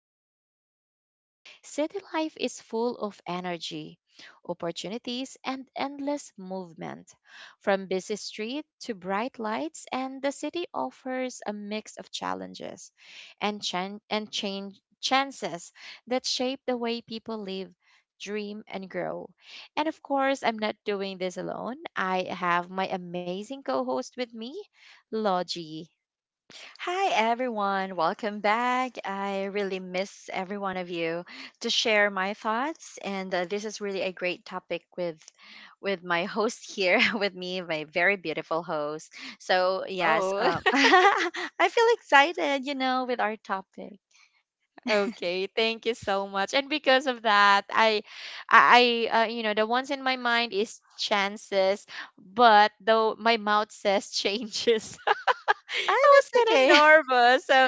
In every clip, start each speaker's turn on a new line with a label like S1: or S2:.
S1: city life. City life is full of energy, opportunities, and endless movement. From busy street to bright lights, and the city offers a mix of challenges and, chan- and change chances that shape the way people live. Dream and grow. And of course, I'm not doing this alone. I have my amazing co host with me. Logi.
S2: Hi, everyone. Welcome back. I really miss every one of you to share my thoughts. And this is really a great topic with my host here with me, my very beautiful host. So, yes,
S1: Oh,
S2: I feel excited, with our topic.
S1: okay. Thank you so much. And because of that, I, the ones in my mind is chances, but though my mouth says changes,
S2: Ah,
S1: I
S2: that's
S1: was kind of
S2: okay.
S1: nervous. So,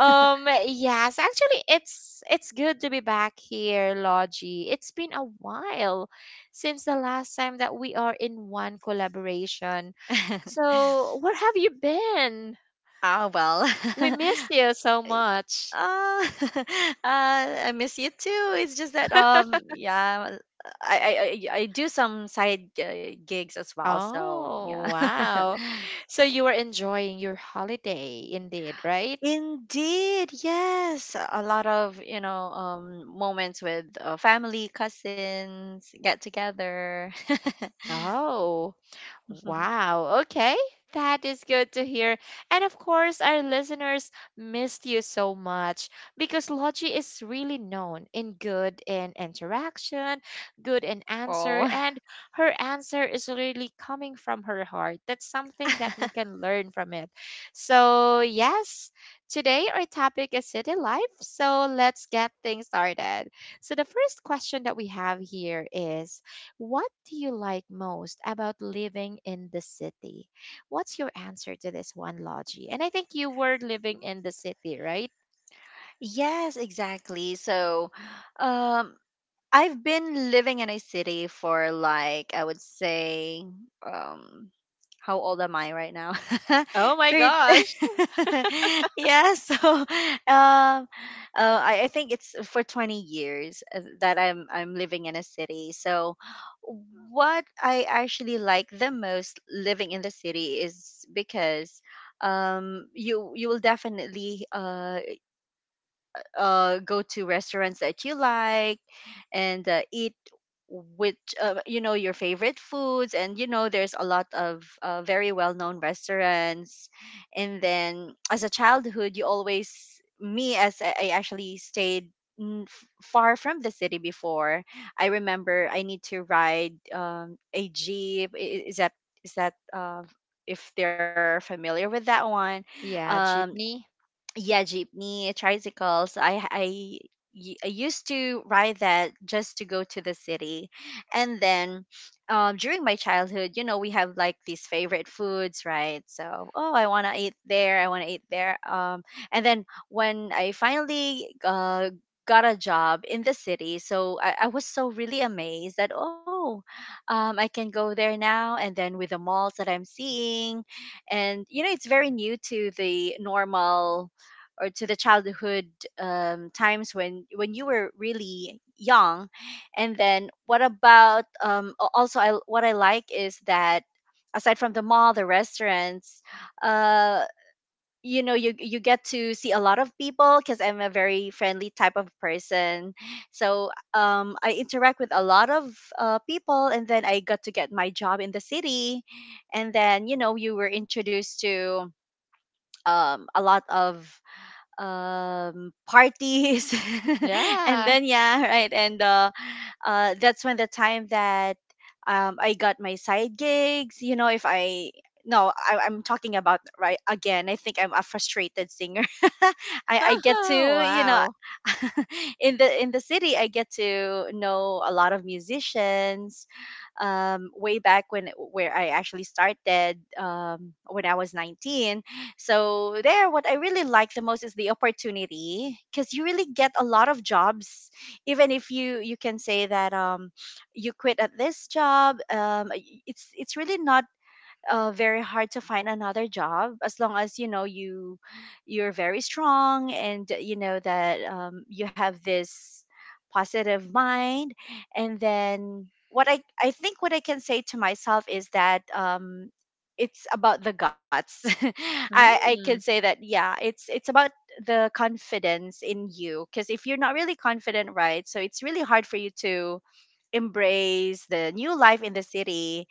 S1: um, yes, actually, it's good to be back here, Logi. It's been a while since the last time that we are in one collaboration. So, where have you been?
S2: Ah, well.
S1: We missed you so much.
S2: Uh, uh, I miss you too. It's just that, yeah, I do some side gigs as well. So, yeah.
S1: Oh, wow. So you were enjoying your holiday indeed, right?
S2: Indeed, yes, a lot of moments with, family, cousins, get together.
S1: Oh, wow. Okay. That is good to hear. And of course, our listeners missed you so much because Logi is really known in good in interaction, good in answer,
S2: Oh.
S1: and her answer is really coming from her heart. That's something that we can learn from it. So, yes, today our topic is city life. So, let's get things started. So, the first question that we have here is what do you like most about living in the city? What's your answer to this one, Logie? And I think you were living in the city, right?
S2: Yes, exactly. So, um. I've been living in a city for, like, I would say, um how old am I right now?
S1: Oh my
S2: Three.
S1: gosh.
S2: Yeah, so um I think it's for 20 years that I'm living in a city. So, what I actually like the most living in the city is because, you will definitely go to restaurants that you like and eat with, you know, your favorite foods. And you know there's a lot of very well-known restaurants. And then, as a childhood, you always— me as I actually stayed far from the city before. I remember I need to ride, a jeep. Is that, is that uh, if they're familiar with that one?
S1: Yeah,
S2: um
S1: jeepney.
S2: yeah, jeepney, tricycles. I used to ride that just to go to the city. And then, during my childhood, you know, we have like these favorite foods, right? So, oh, I want to eat there, I want to eat there, and then when I finally got a job in the city, so I was so really amazed that, oh, I can go there now. And then with the malls that I'm seeing, and you know it's very new to the normal, or to the childhood, times when you were really young. And then, what about, also, what I like is that, aside from the mall, the restaurants, uh, you know, you get to see a lot of people because I'm a very friendly type of person. So, I interact with a lot of people. And then I got to get my job in the city. And then, you know, you were introduced to, a lot of parties. And
S1: Yeah.
S2: then, yeah, right. And that's when the time that, I got my side gigs, you know. If I— no, I'm talking about, right, again. I think I'm a frustrated singer. i I get to, you know,
S1: Wow.
S2: in the city, I get to know a lot of musicians, way back when, where I actually started, when I was 19. So there, what I really like the most is the opportunity, because you really get a lot of jobs, even if you can say that, you quit at this job. It's really not very hard to find another job, as long as you know you're very strong, and you know that, you have this positive mind. And then, what I think what I can say to myself is that, it's about the guts. I can
S1: Mm.
S2: say that, yeah, it's about the confidence in you. Because if you're not really confident, right? So it's really hard for you to embrace the new life in the city,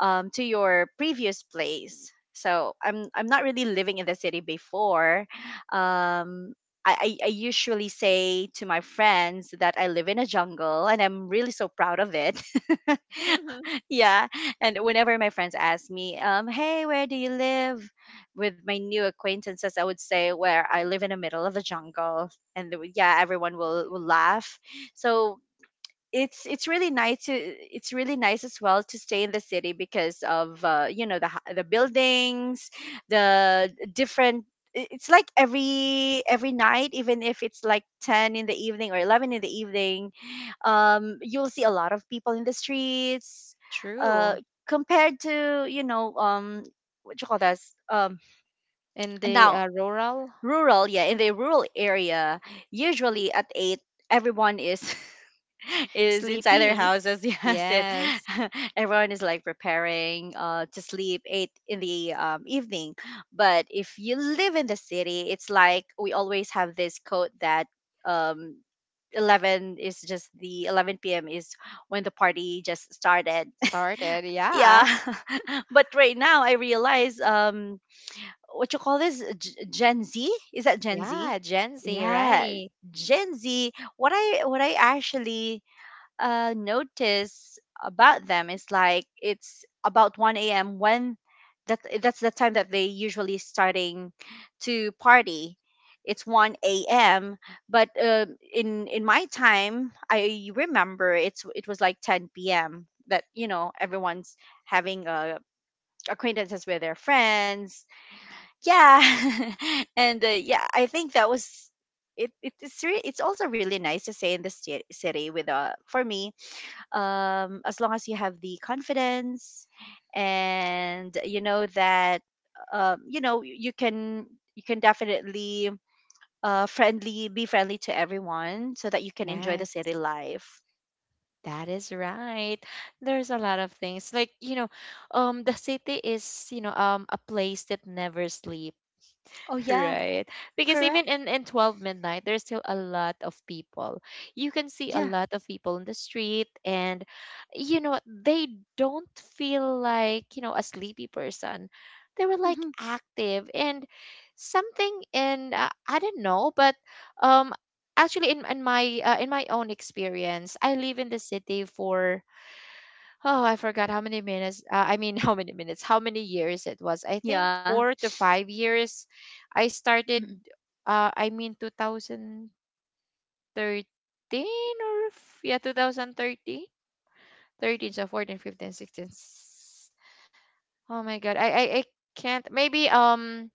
S2: to your previous place. So I'm not really living in the city before. Um, I usually say to my friends that I live in a jungle, and I'm really so proud of it. Yeah. And whenever my friends ask me, hey, where do you live? With my new acquaintances, I would say where I live in the middle of the jungle. And yeah, everyone will laugh. So, it's really nice as well to stay in the city, because of, you know, the the buildings, the different— it's like every night, even if it's like 10 in the evening or 11 in the evening, you'll see a lot of people in the streets, uh
S1: True.
S2: compared to, you know, what you call this,
S1: In the
S2: now
S1: uh, rural.
S2: rural. Yeah, in the rural area, usually at 8, everyone is is inside their
S1: Sleeping.
S2: houses. Yes, it—
S1: Yes.
S2: everyone is like preparing to sleep 8 in the, evening. But if you live in the city, it's like we always have this code that, um 11 is just the 11 p.m. is when the party just started.
S1: Started.
S2: Yeah.
S1: Yeah.
S2: But right now I realize, what you call this, Gen Z? Is that Gen Z?
S1: Yeah, Gen Z,
S2: Yeah,
S1: right?
S2: Gen Z. What I actually notice about them is, like, it's about one a.m. when that's the time that they usually starting to party. It's one a.m. But in my time, I remember it was like ten p.m. That you know everyone's having, acquaintances with their friends, yeah. And yeah, I think that was— it's also really nice to stay in the city with, for me, as long as you have the confidence, and you know that, you know, you can definitely friendly be friendly to everyone so that you can enjoy the
S1: Yes.
S2: city life.
S1: That is right. There's a lot of things like the city is a place that never sleeps.
S2: Oh, yeah.
S1: Right, because even
S2: Correct.
S1: in 12 midnight there's still a lot of people, you can see a
S2: Yeah.
S1: lot of people in the street, and you know they don't feel like you know a sleepy person, they were like
S2: Hmm.
S1: active, and something in I don't know. But um actually, in my in my own experience I live in the city for— oh, I forgot how many minutes. I mean, how many minutes? How many years it was? I think
S2: Yeah.
S1: 4 to 5 years I started.
S2: Mm.
S1: I mean, 2013, yeah, 2013, so 14, 15, sixteen. Oh my God, I can't. Maybe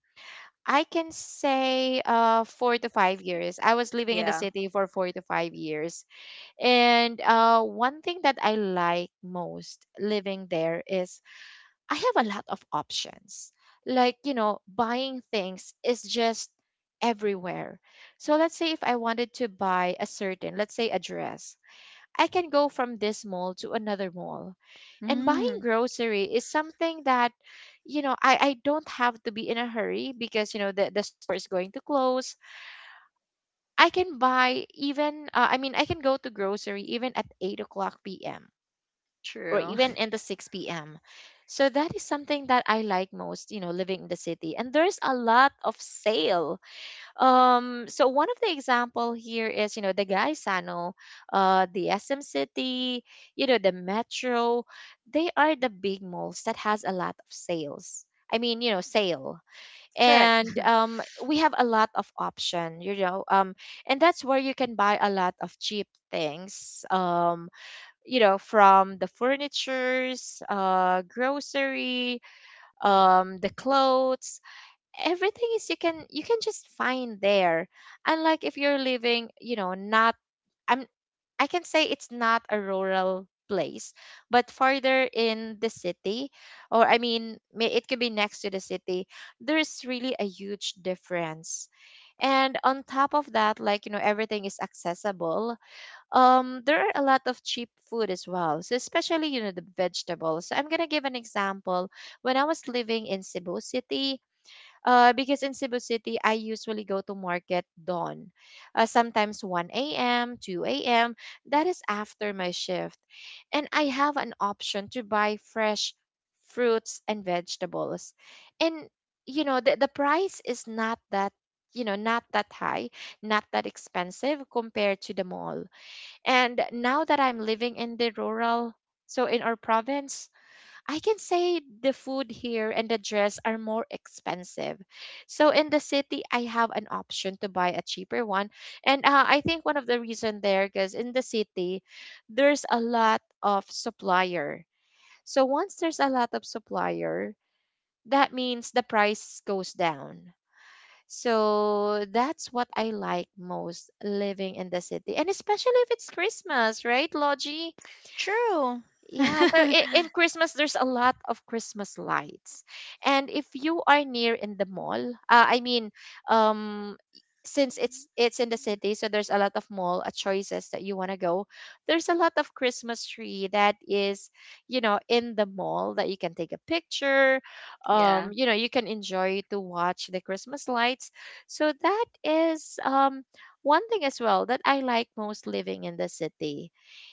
S1: I can say 4 to 5 years. I was living in the
S2: Yeah.
S1: city for 4 to 5 years, and one thing that I like most living there is I have a lot of options. Like, you know, buying things is just everywhere. So let's say if I wanted to buy a certain, let's say a dress, I can go from this mall to another mall. And buying
S2: Mm,
S1: grocery is something that, you know, I don't have to be in a hurry because, you know, the store is going to close. I can buy even, I mean, I can go to grocery even at 8 o'clock p.m or
S2: true.
S1: even in the 6 p.m. So that is something that I like most, you know, living in the city. And there's a lot of sale. So one of the example here is, you know, the Gaisano, the SM City, you know, the Metro. They are the big malls that has a lot of sales. I mean, you know, sale.
S2: Correct.
S1: And we have a lot of option, you know. And that's where you can buy a lot of cheap things. You know, from the furnitures, grocery, the clothes, everything is— you can just find there, unlike if you're living you know— not, I'm— I can say it's not a rural place but farther in the city, or I mean may- it could be next to the city. There's really a huge difference, and on top of that, like you know, everything is accessible. Um, there are a lot of cheap food as well, so especially you know the vegetables. So I'm gonna give an example. When I was living in Cebu City, because in Cebu City, I usually go to market dawn, sometimes 1 a.m., 2 a.m. That is after my shift. And I have an option to buy fresh fruits and vegetables. And, you know, the price is not that, you know, not that high, not that expensive compared to the mall. And now that I'm living in the rural, so in our province, I can say the food here and the dress are more expensive. So in the city, I have an option to buy a cheaper one. And I think one of the reason there, because in the city, there's a lot of supplier. So once there's a lot of supplier, that means the price goes down. So that's what I like most living in the city. And especially if it's Christmas, right, Logie?
S2: True.
S1: Yeah, so I- in Christmas, there's a lot of Christmas lights. And if you are near in the mall, I mean, um, since it's in the city, so there's a lot of mall choices that you want to go. There's a lot of Christmas tree that is, you know, in the mall that you can take a picture.
S2: Yeah,
S1: You know, you can enjoy to watch the Christmas lights. So that is one thing as well that I like most living in the city,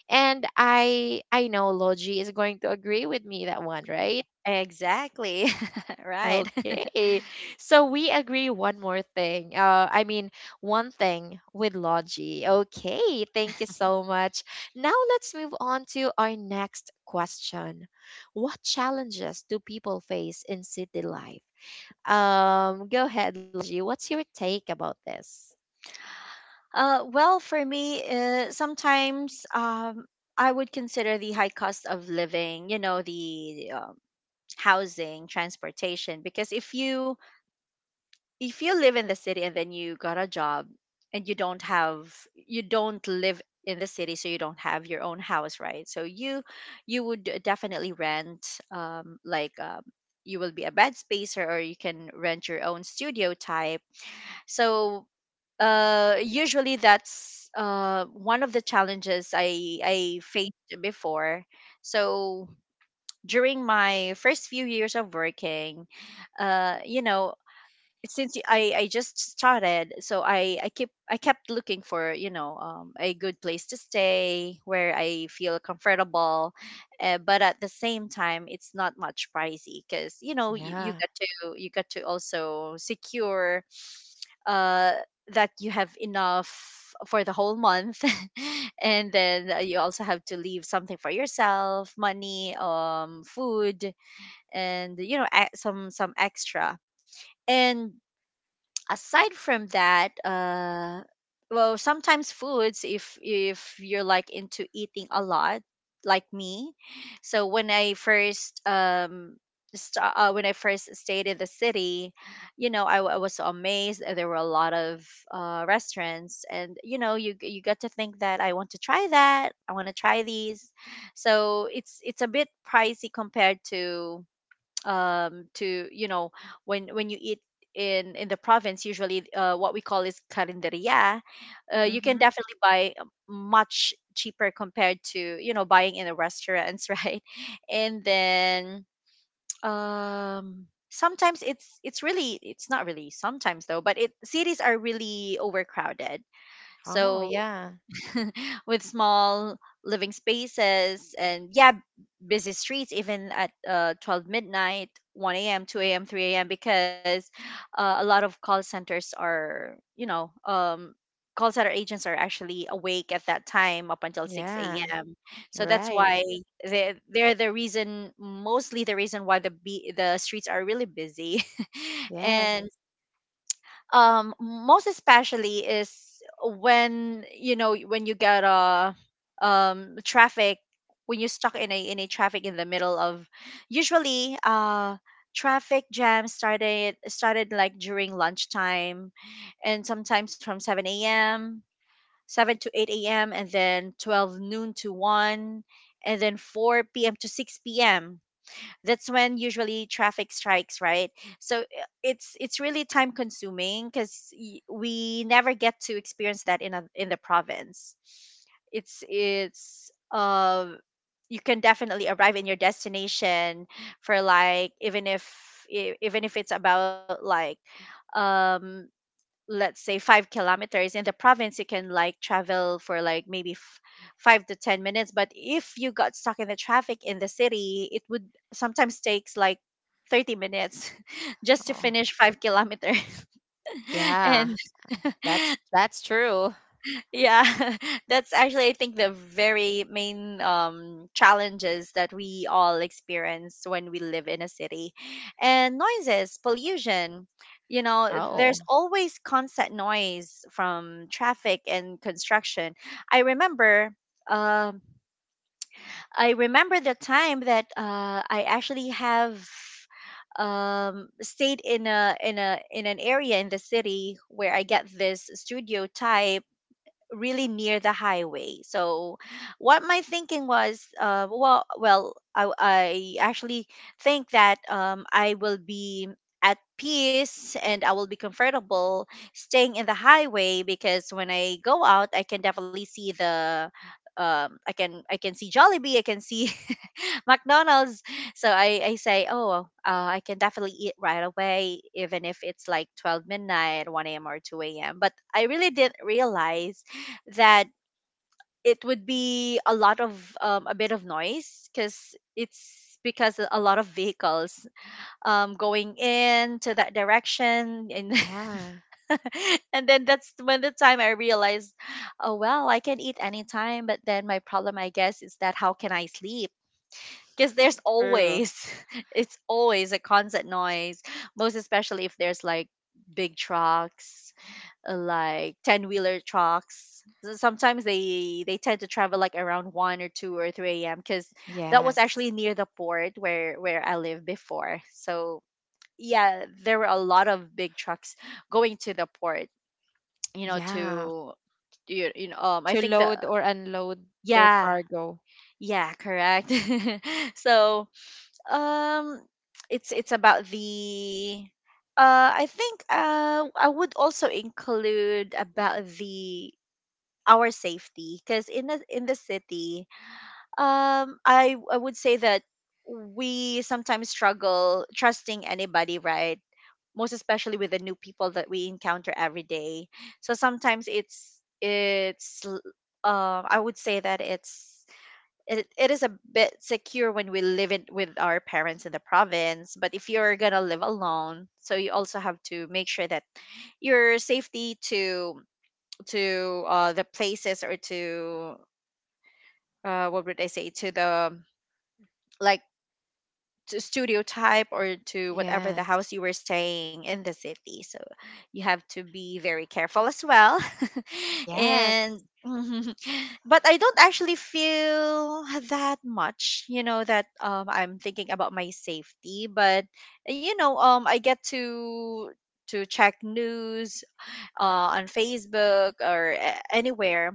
S1: and I know Logi is going to agree with me that one, right?
S2: exactly. Right.
S1: Okay. So we agree one more thing. I mean one thing with Logi. Okay, thank you so much. Now let's move on to our next question. What challenges do people face in city life? Go ahead, Logi. What's your take about this?
S2: Well, for me, sometimes, I would consider the high cost of living, you know, the, housing, transportation. Because if you, live in the city and then you got a job, and you don't live in the city, so you don't have your own house, right? So, you would definitely rent, like, you will be a bed spacer, or you can rent your own studio type. So usually that's one of the challenges I faced before. So during my first few years of working, you know, since I just started, so I kept looking for, you know, a good place to stay where I feel comfortable. But at the same time, it's not much pricey, because you know you
S1: Yeah.
S2: got to, also secure, uh, that you have enough for the whole month. And then, you also have to leave something for yourself: money, food, and, you know, some extra. And aside from that, well, sometimes foods, if you're like into eating a lot, like me. So when I first, sta when I first stayed in the city, you know, I was so amazed that there were a lot of restaurants, and you know, you got to think that, I want to try that, I want to try these. So it's a bit pricey compared to, you know, when you eat in the province. Usually, what we call is carinderia. You can
S1: Mhm.
S2: definitely buy much cheaper compared to, you know, buying in the restaurants. Right. And then, sometimes, it's not really sometimes though, but it cities are really overcrowded.
S1: Oh,
S2: So
S1: yeah.
S2: with small living spaces, and yeah, busy streets, even at, 12 midnight, 1 a.m., 2 a.m., 3 a.m. Because, a lot of call centers are, you know, call center agents are actually awake at that time up until 6
S1: Yeah.
S2: a.m. So
S1: You're
S2: that's
S1: right.
S2: why they're the reason, mostly the reason why the streets are really busy.
S1: Yes.
S2: And, most especially is when, you know, when you get a, traffic, when you're stuck in a, traffic in the middle of— usually traffic jam started like during lunchtime, and sometimes from 7 a.m., 7 to 8 a.m., and then 12 noon to 1, and then 4 p.m. to 6 p.m. That's when usually traffic strikes, right? So, it's really time consuming, because we never get to experience that in, in the province. It's you can definitely arrive in your destination for, like, even if, even if it's about, like, um let's say 5 kilometers in the province, you can, like, travel for, like, maybe 5 to 10 minutes. But if you got stuck in the traffic in the city, it would sometimes takes like 30 minutes just to
S1: Oh,
S2: finish 5 kilometers.
S1: yeah.
S2: And
S1: That's true.
S2: yeah, that's actually, I think, the very main, challenges that we all experience when we live in a city. And noises, pollution, you know,
S1: Oh,
S2: there's always constant noise from traffic and construction. I remember, um, I remember the time that I actually have stayed in an area in the city where I get this studio type really near the highway. So, what my thinking was, well, I actually think that I will be at peace and I will be comfortable staying in the highway, because when I go out, I can definitely see the. I can see Jollibee, I can see McDonald's. So I say, oh, well, I can definitely eat right away, even if it's like 12 midnight, 1 a.m., or 2 a.m. But I really didn't realize that it would be a bit of noise, because it's because a lot of vehicles, going in to that direction and
S1: yeah.
S2: and then that's when the time I realized, oh, well, I can eat anytime, but then my problem, I guess, is that how can I sleep, because there's
S1: True.
S2: always it's always a constant noise, most especially if there's like big trucks, like 10 wheeler trucks. So sometimes they tend to travel like around 1 or 2 or 3 a.m, because that was
S1: Yes.
S2: actually near the port where I lived before. So yeah, there were a lot of big trucks going to the port, you know
S1: Yeah.
S2: to you, you know I
S1: To
S2: think the.
S1: load or unload their
S2: Yeah,
S1: cargo.
S2: yeah, correct. So um it's about the, I think, I would also include about the, our safety, because in the city, I would say that we sometimes struggle trusting anybody, right, most especially with the new people that we encounter every day. So sometimes, I would say that it is a bit secure when we live in with our parents in the province, but if you're gonna live alone, so you also have to make sure that your safety, to the places, or to what would I say, to the, like, to studio type, or to whatever the
S1: Yes.
S2: house you were staying in the city. So you have to be very careful as well.
S1: Yes.
S2: and But I don't actually feel that much, that I'm thinking about my safety, but I get to check news, on Facebook or anywhere,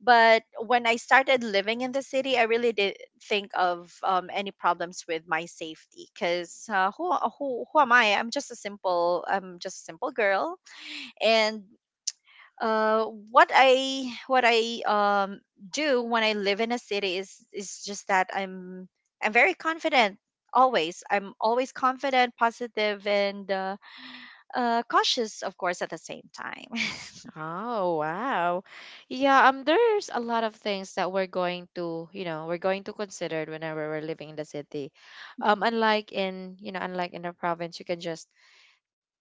S2: but when I started living in the city, I really didn't think of any problems with my safety, because who, who am I? I'm just a simple girl, and what I um, do when I live in a city is just that I'm very confident, always. I'm always confident, positive, and cautious, of course, at the same time.
S1: Oh, wow. Yeah, there's a lot of things that we're going to, you know, we're going to consider whenever we're living in the city. Unlike in, you know, unlike in the province, you can just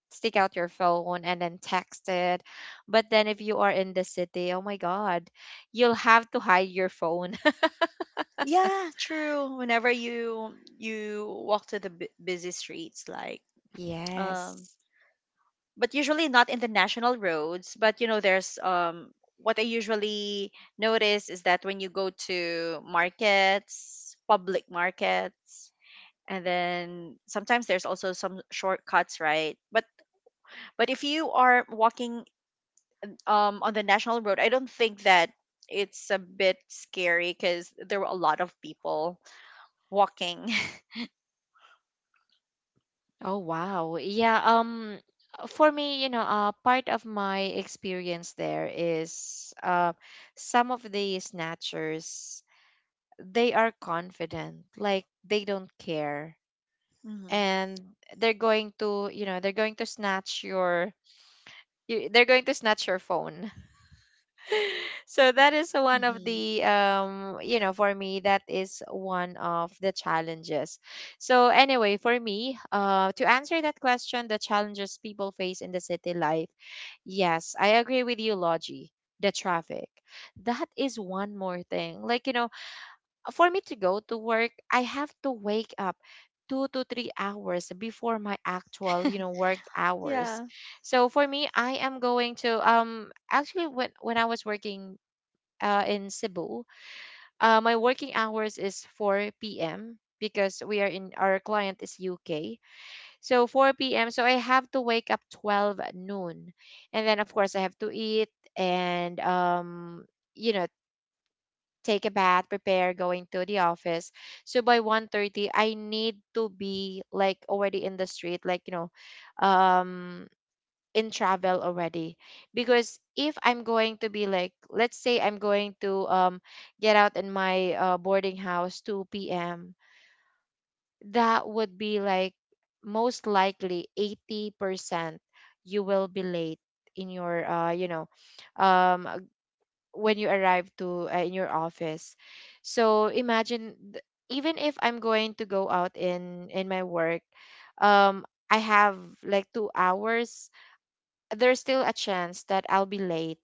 S1: stick out your phone and then text it. But then if you are in the city, oh my God, you'll have to hide your phone.
S2: Yeah, true. Whenever you walk to the busy streets, like,
S1: Yes.
S2: um, but usually not in the national roads. But there's, what I usually notice is that when you go to markets, public markets, and then sometimes there's also some shortcuts, right? But if you are walking on the national road, I don't think that it's a bit scary, because there were a lot of people walking.
S1: Oh wow. Yeah, for me, you know, part of my experience there is some of the snatchers, they are confident, like they don't care, and they're going to, you know, they're going to snatch your— you, they're going to snatch your phone. So that is one of
S2: Mhm.
S1: the you know for me that is one of the challenges. So anyway, for me, to answer that question, the challenges people face in the city life, yes, I agree with you, Logie. The traffic. That is one more thing. Like, you know, for me to go to work, I have to wake up 2 to 3 hours before my actual, you know, work hours.
S2: Yeah.
S1: So for me, I am going to actually when I was working in Cebu. My working hours is 4 p.m. because we are in— our client is UK. So 4 p.m. So I have to wake up 12 at noon, and then of course I have to eat and you know take a bath, prepare, going to the office. So by 1:30, I need to be like already in the street, like you know, um in travel already, because if I'm going to be like, let's say I'm going to get out in my boarding house 2 p.m, that would be like most likely 80% you will be late in your um uh, when you arrive to in your office. So imagine th- even if I'm going to go out in my work um I have like 2 hours, there's still a chance that I'll be late.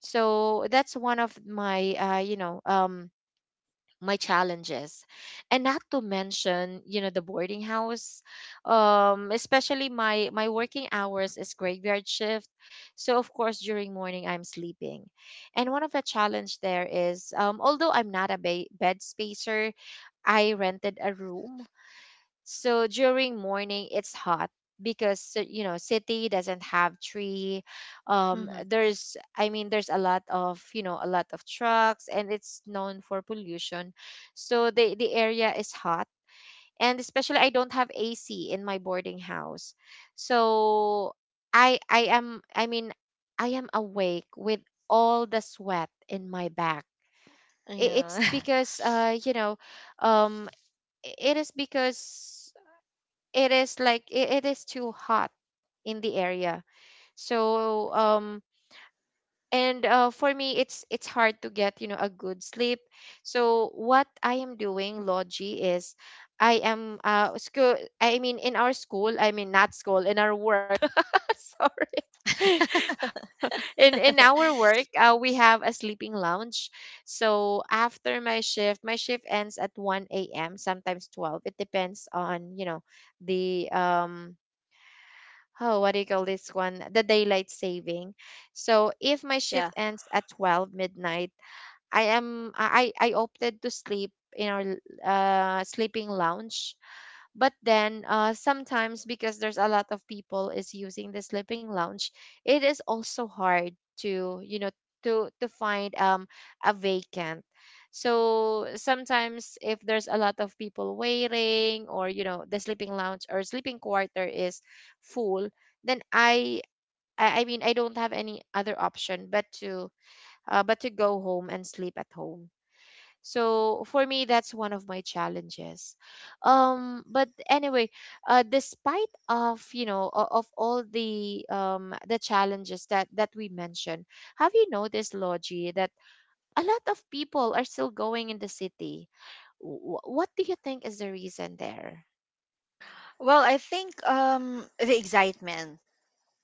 S1: So that's one of my you know my challenges. And not to mention you know the boarding house, especially my my working hours is graveyard shift, so of course during morning I'm sleeping. And one of the challenge there is although I'm not a ba- bed spacer, I rented a room. So during morning, it's hot because you know city doesn't have tree.
S2: Mhm.
S1: There's— I mean there's a lot of you know a lot of trucks, and it's known for pollution. So the area is hot, and especially I don't have AC in my boarding house. So I am— I mean I am awake with all the sweat in my back. It's
S2: Yeah.
S1: because um it is because it is like it is too hot in the area, so and for me it's hard to get a good sleep. So what I am doing, Logi, is I am school, I mean in our school, I mean not school, in our work. Sorry. In our work, we have a sleeping lounge. So after my shift ends at 1 a.m., sometimes 12. It depends on the oh, what do you call this one? The daylight saving. So if my
S2: Yeah.
S1: shift ends at 12 midnight, I am I opted to sleep in our sleeping lounge. But then sometimes because there's a lot of people is using the sleeping lounge, it is also hard to to find a vacant. So sometimes if there's a lot of people waiting or the sleeping lounge or sleeping quarter is full, then I mean I don't have any other option but to go home and sleep at home. So for me, that's one of my challenges. But anyway, despite of of all the challenges that we mentioned, have you noticed, Logie, that a lot of people are still going in the city? What do you think is the reason there?
S2: Well, I think the excitement,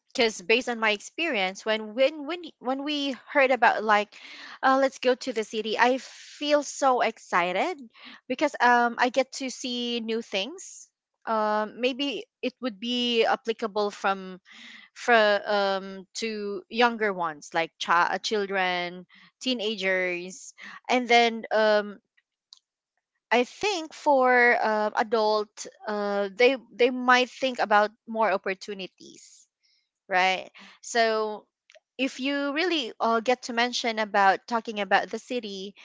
S2: because based on my experience, when when we heard about, like, let's go to the city, I feel so excited, because I get to see new things. Maybe it would be applicable from for to younger ones, like, children, teenagers, and then I think for adult, they might think about more opportunities, right? So if you really get to mention about talking about the city,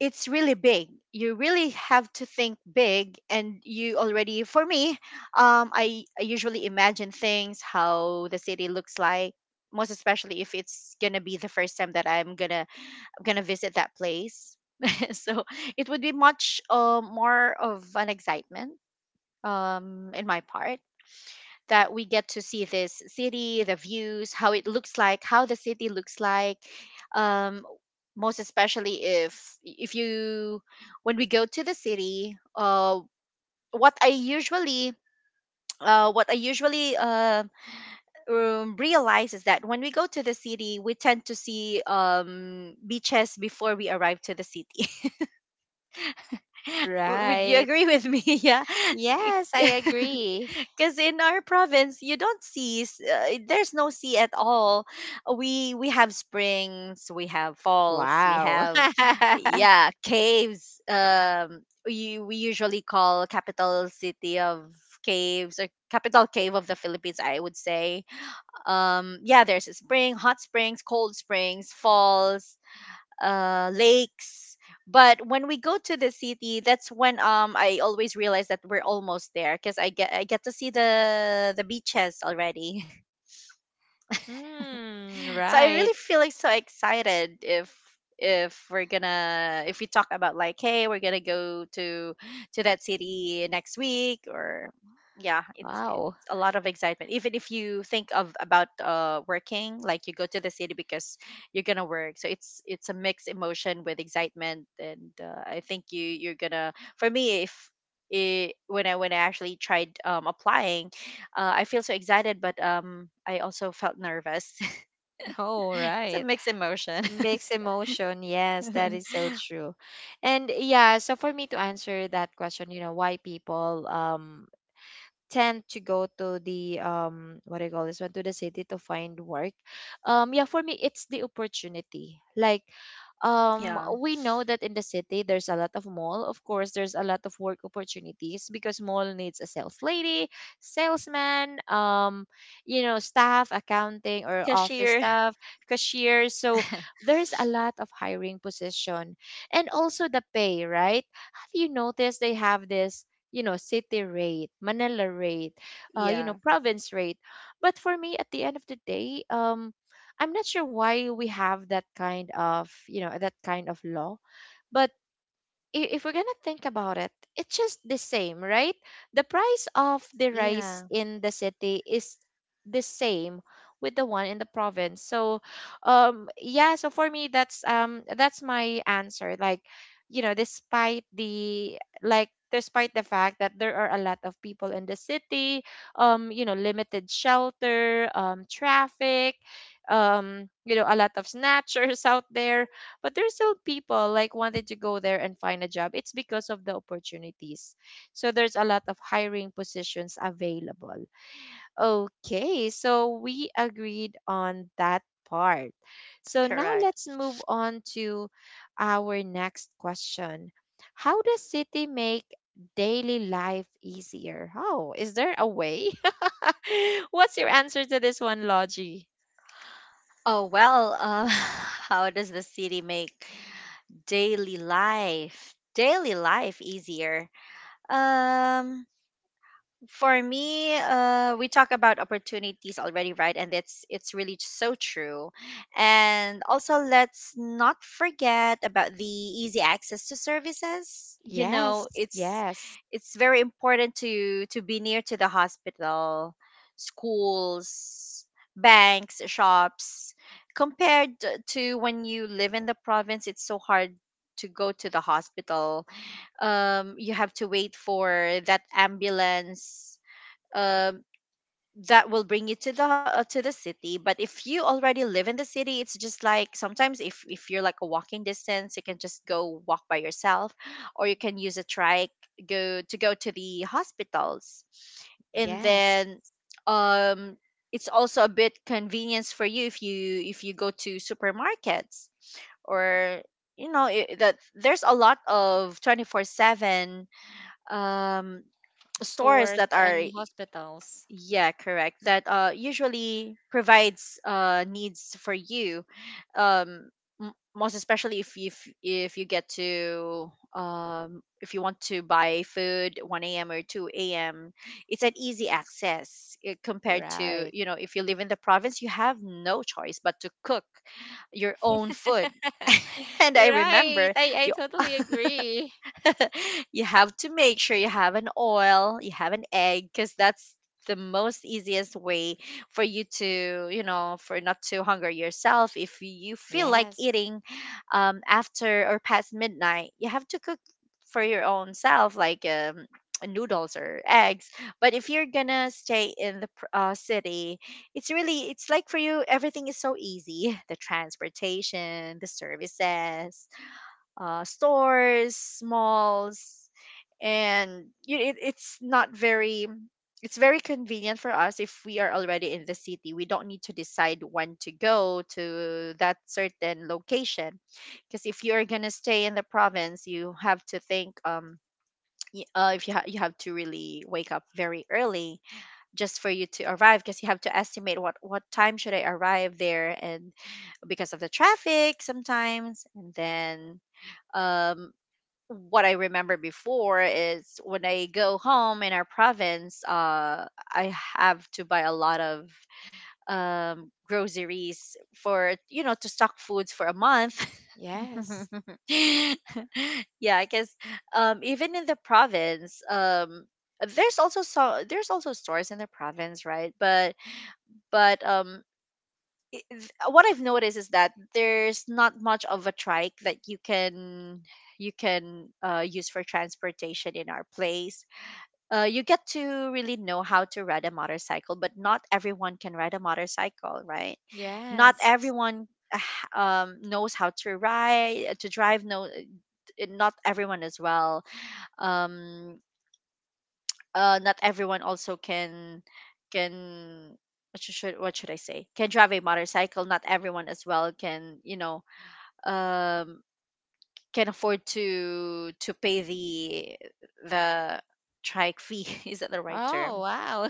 S2: it's really big. You really have to think big, and you already, for me, I usually imagine things, how the city looks like. Most especially if it's gonna be the first time that I'm gonna visit that place. So it would be much, more of an excitement, in my part, that we get to see this city, the views, how it looks like, how the city looks like. Um, most especially if you when we go to the city, what I usually what I usually realize is that when we go to the city, we tend to see beaches before we arrive to the city. Would you
S1: Right.
S2: agree with me? Yeah.
S1: Yes, I agree.
S2: Because in our province, you don't see, there's no sea at all. We have springs, we have falls, we
S1: Wow.
S2: have, yeah, caves. We usually call capital city of caves, or capital cave of the Philippines, I would say. Yeah, there's a spring, hot springs, cold springs, falls, lakes. But when we go to the city, that's when I always realize that we're almost there, because I get to see the beaches already.
S1: Hmm,
S2: So I really
S1: right.
S2: feeling so excited, if we talk about, like, hey, we're gonna go to that city next week, or, yeah, it's
S1: Wow.
S2: a lot of excitement, even if you think of about, working, like, you go to the city, because you're gonna work, so it's a mixed emotion, with excitement, and I think you, you're gonna for me if it, when I actually tried applying, I feel so excited, but I also felt nervous.
S1: Oh,
S2: It's a
S1: right.
S2: mixed emotion.
S1: Mixed emotion. Yes, that is so true. And yeah, so for me to answer that question, why people tend to go to the what do you call this one, to the city to find work. Yeah, for me it's the opportunity, like
S2: Yeah.
S1: we know that in the city there's a lot of mall. Of course there's a lot of work opportunities because mall needs a sales lady, salesman, staff, accounting, or
S2: Cashier.
S1: office staff, cashier. So there's a lot of hiring position. And also the pay, right? Have you noticed they have this, city rate, Manila rate,
S2: Yeah.
S1: province rate. But for me, at the end of the day, I'm not sure why we have that kind of, that kind of law. But if we're gonna think about it, it's just the same, right? The price of the rice
S2: Yeah.
S1: in the city is the same with the one in the province. So, yeah. So for me, that's my answer. Like, Despite the fact that there are a lot of people in the city, limited shelter, traffic, a lot of snatchers out there, but there's still people like wanted to go there and find a job. It's because of the opportunities. So there's a lot of hiring positions available. Okay, so we agreed on that part. So now
S2: Correct.
S1: let's move on to our next question. How does city make daily life easier? Oh, is there a way? What's your answer to this one, Logie?
S2: Oh, well, how does the city make daily life easier? Um, for me, we talk about opportunities already, right, and it's really so true. And also, let's not forget about the easy access to services. you know
S1: Yes,
S2: it's
S1: yes,
S2: it's very important to be near to the hospital, schools, banks, shops, compared to when you live in the province. It's so hard to go to the hospital. You have to wait for that ambulance, uh, that will bring you to the city, but if you already live in the city, it's just like, sometimes, if you're like a walking distance, you can just go walk by yourself, or you can use a trike, go to the hospitals. And
S1: yes.
S2: then um it's also a bit convenience for you, if you go to supermarkets, or you know it, that there's a lot of 24/7 um stores
S1: Stores
S2: that are.
S1: and hospitals.
S2: Yeah, correct. That usually provides needs for you. Um Most especially if you get to if you want to buy food 1 a.m. or 2 a.m., it's an easy access, eh, compared to,
S1: Right.
S2: if you live in the province, you have no choice but to cook your own food. And I
S1: Right.
S2: remember
S1: I
S2: you.
S1: totally agree.
S2: You have to make sure you have an oil, you have an egg, because that's the most easiest way for you to, for not to hunger yourself. If you feel like
S1: Yes.
S2: eating after or past midnight, you have to cook for your own self, like, noodles or eggs. But if you're gonna stay in the city, it's really it's like for you, everything is so easy. The transportation, the services, stores, malls, and it's very convenient for us if we are already in the city. We don't need to decide when to go to that certain location, because if you're gonna stay in the province, you have to think. If you you have to really wake up very early, just for you to arrive, because you have to estimate what time should I arrive there, and because of the traffic sometimes, and then um what I remember before is when I go home in our province, I have to buy a lot of groceries for, to stock foods for a month.
S1: Yes.
S2: Yeah, I guess, even in the province, there's also stores in the province, right? But but um, what I've noticed is that there's not much of a trike that you can use for transportation in our place. You get to really know how to ride a motorcycle, but not everyone can ride a motorcycle, right? Not
S1: Yes.
S2: everyone knows how to ride, to drive. No, not everyone as well. Um, Not everyone also can, can what should I say? Can drive a motorcycle. Not everyone as well, can you know um, can afford to pay the trike fee. Is that the right
S1: Oh,
S2: term?
S1: wow.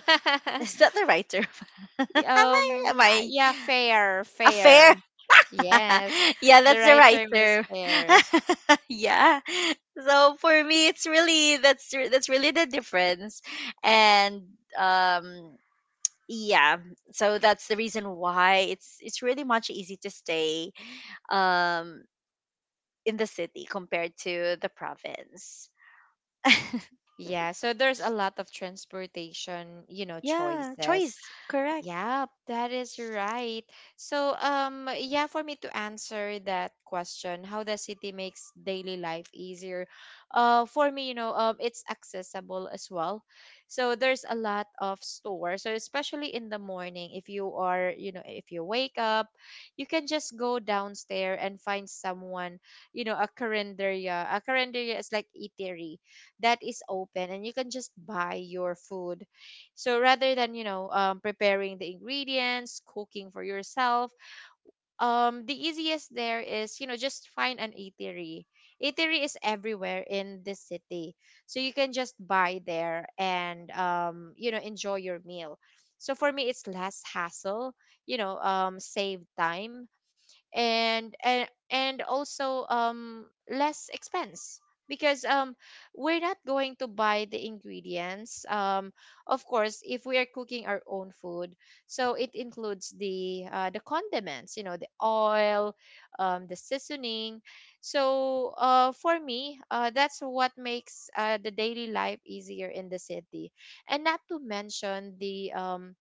S2: Is that the right term? am I am I
S1: Yeah, fair,
S2: affair?
S1: fair. Yes.
S2: Yeah,
S1: The
S2: that's the
S1: right
S2: right
S1: term is
S2: term.
S1: fair.
S2: Yeah. So for me, it's really that's re- that's really the difference, and um yeah that's the reason why it's really much easy to stay um in the city compared to the province.
S1: Yeah, so there's a lot of transportation, you know,
S2: Yeah,
S1: choices.
S2: choice, correct.
S1: Yeah, that is right. So, yeah, for me to answer that question, how the city makes daily life easier, for me, it's accessible as well. So there's a lot of stores. So especially in the morning, if you are, if you wake up, you can just go downstairs and find someone, a carinderia. A carinderia is like eatery that is open, and you can just buy your food, so rather than, preparing the ingredients, cooking for yourself, the easiest there is, just find an eatery. Eatery is everywhere in this city. So you can just buy there and, enjoy your meal. So for me, it's less hassle, save time and also less expense, because we're not going to buy the ingredients, of course if we are cooking our own food, so it includes the condiments, the oil, the seasoning. So for me, that's what makes the daily life easier in the city. And not to mention the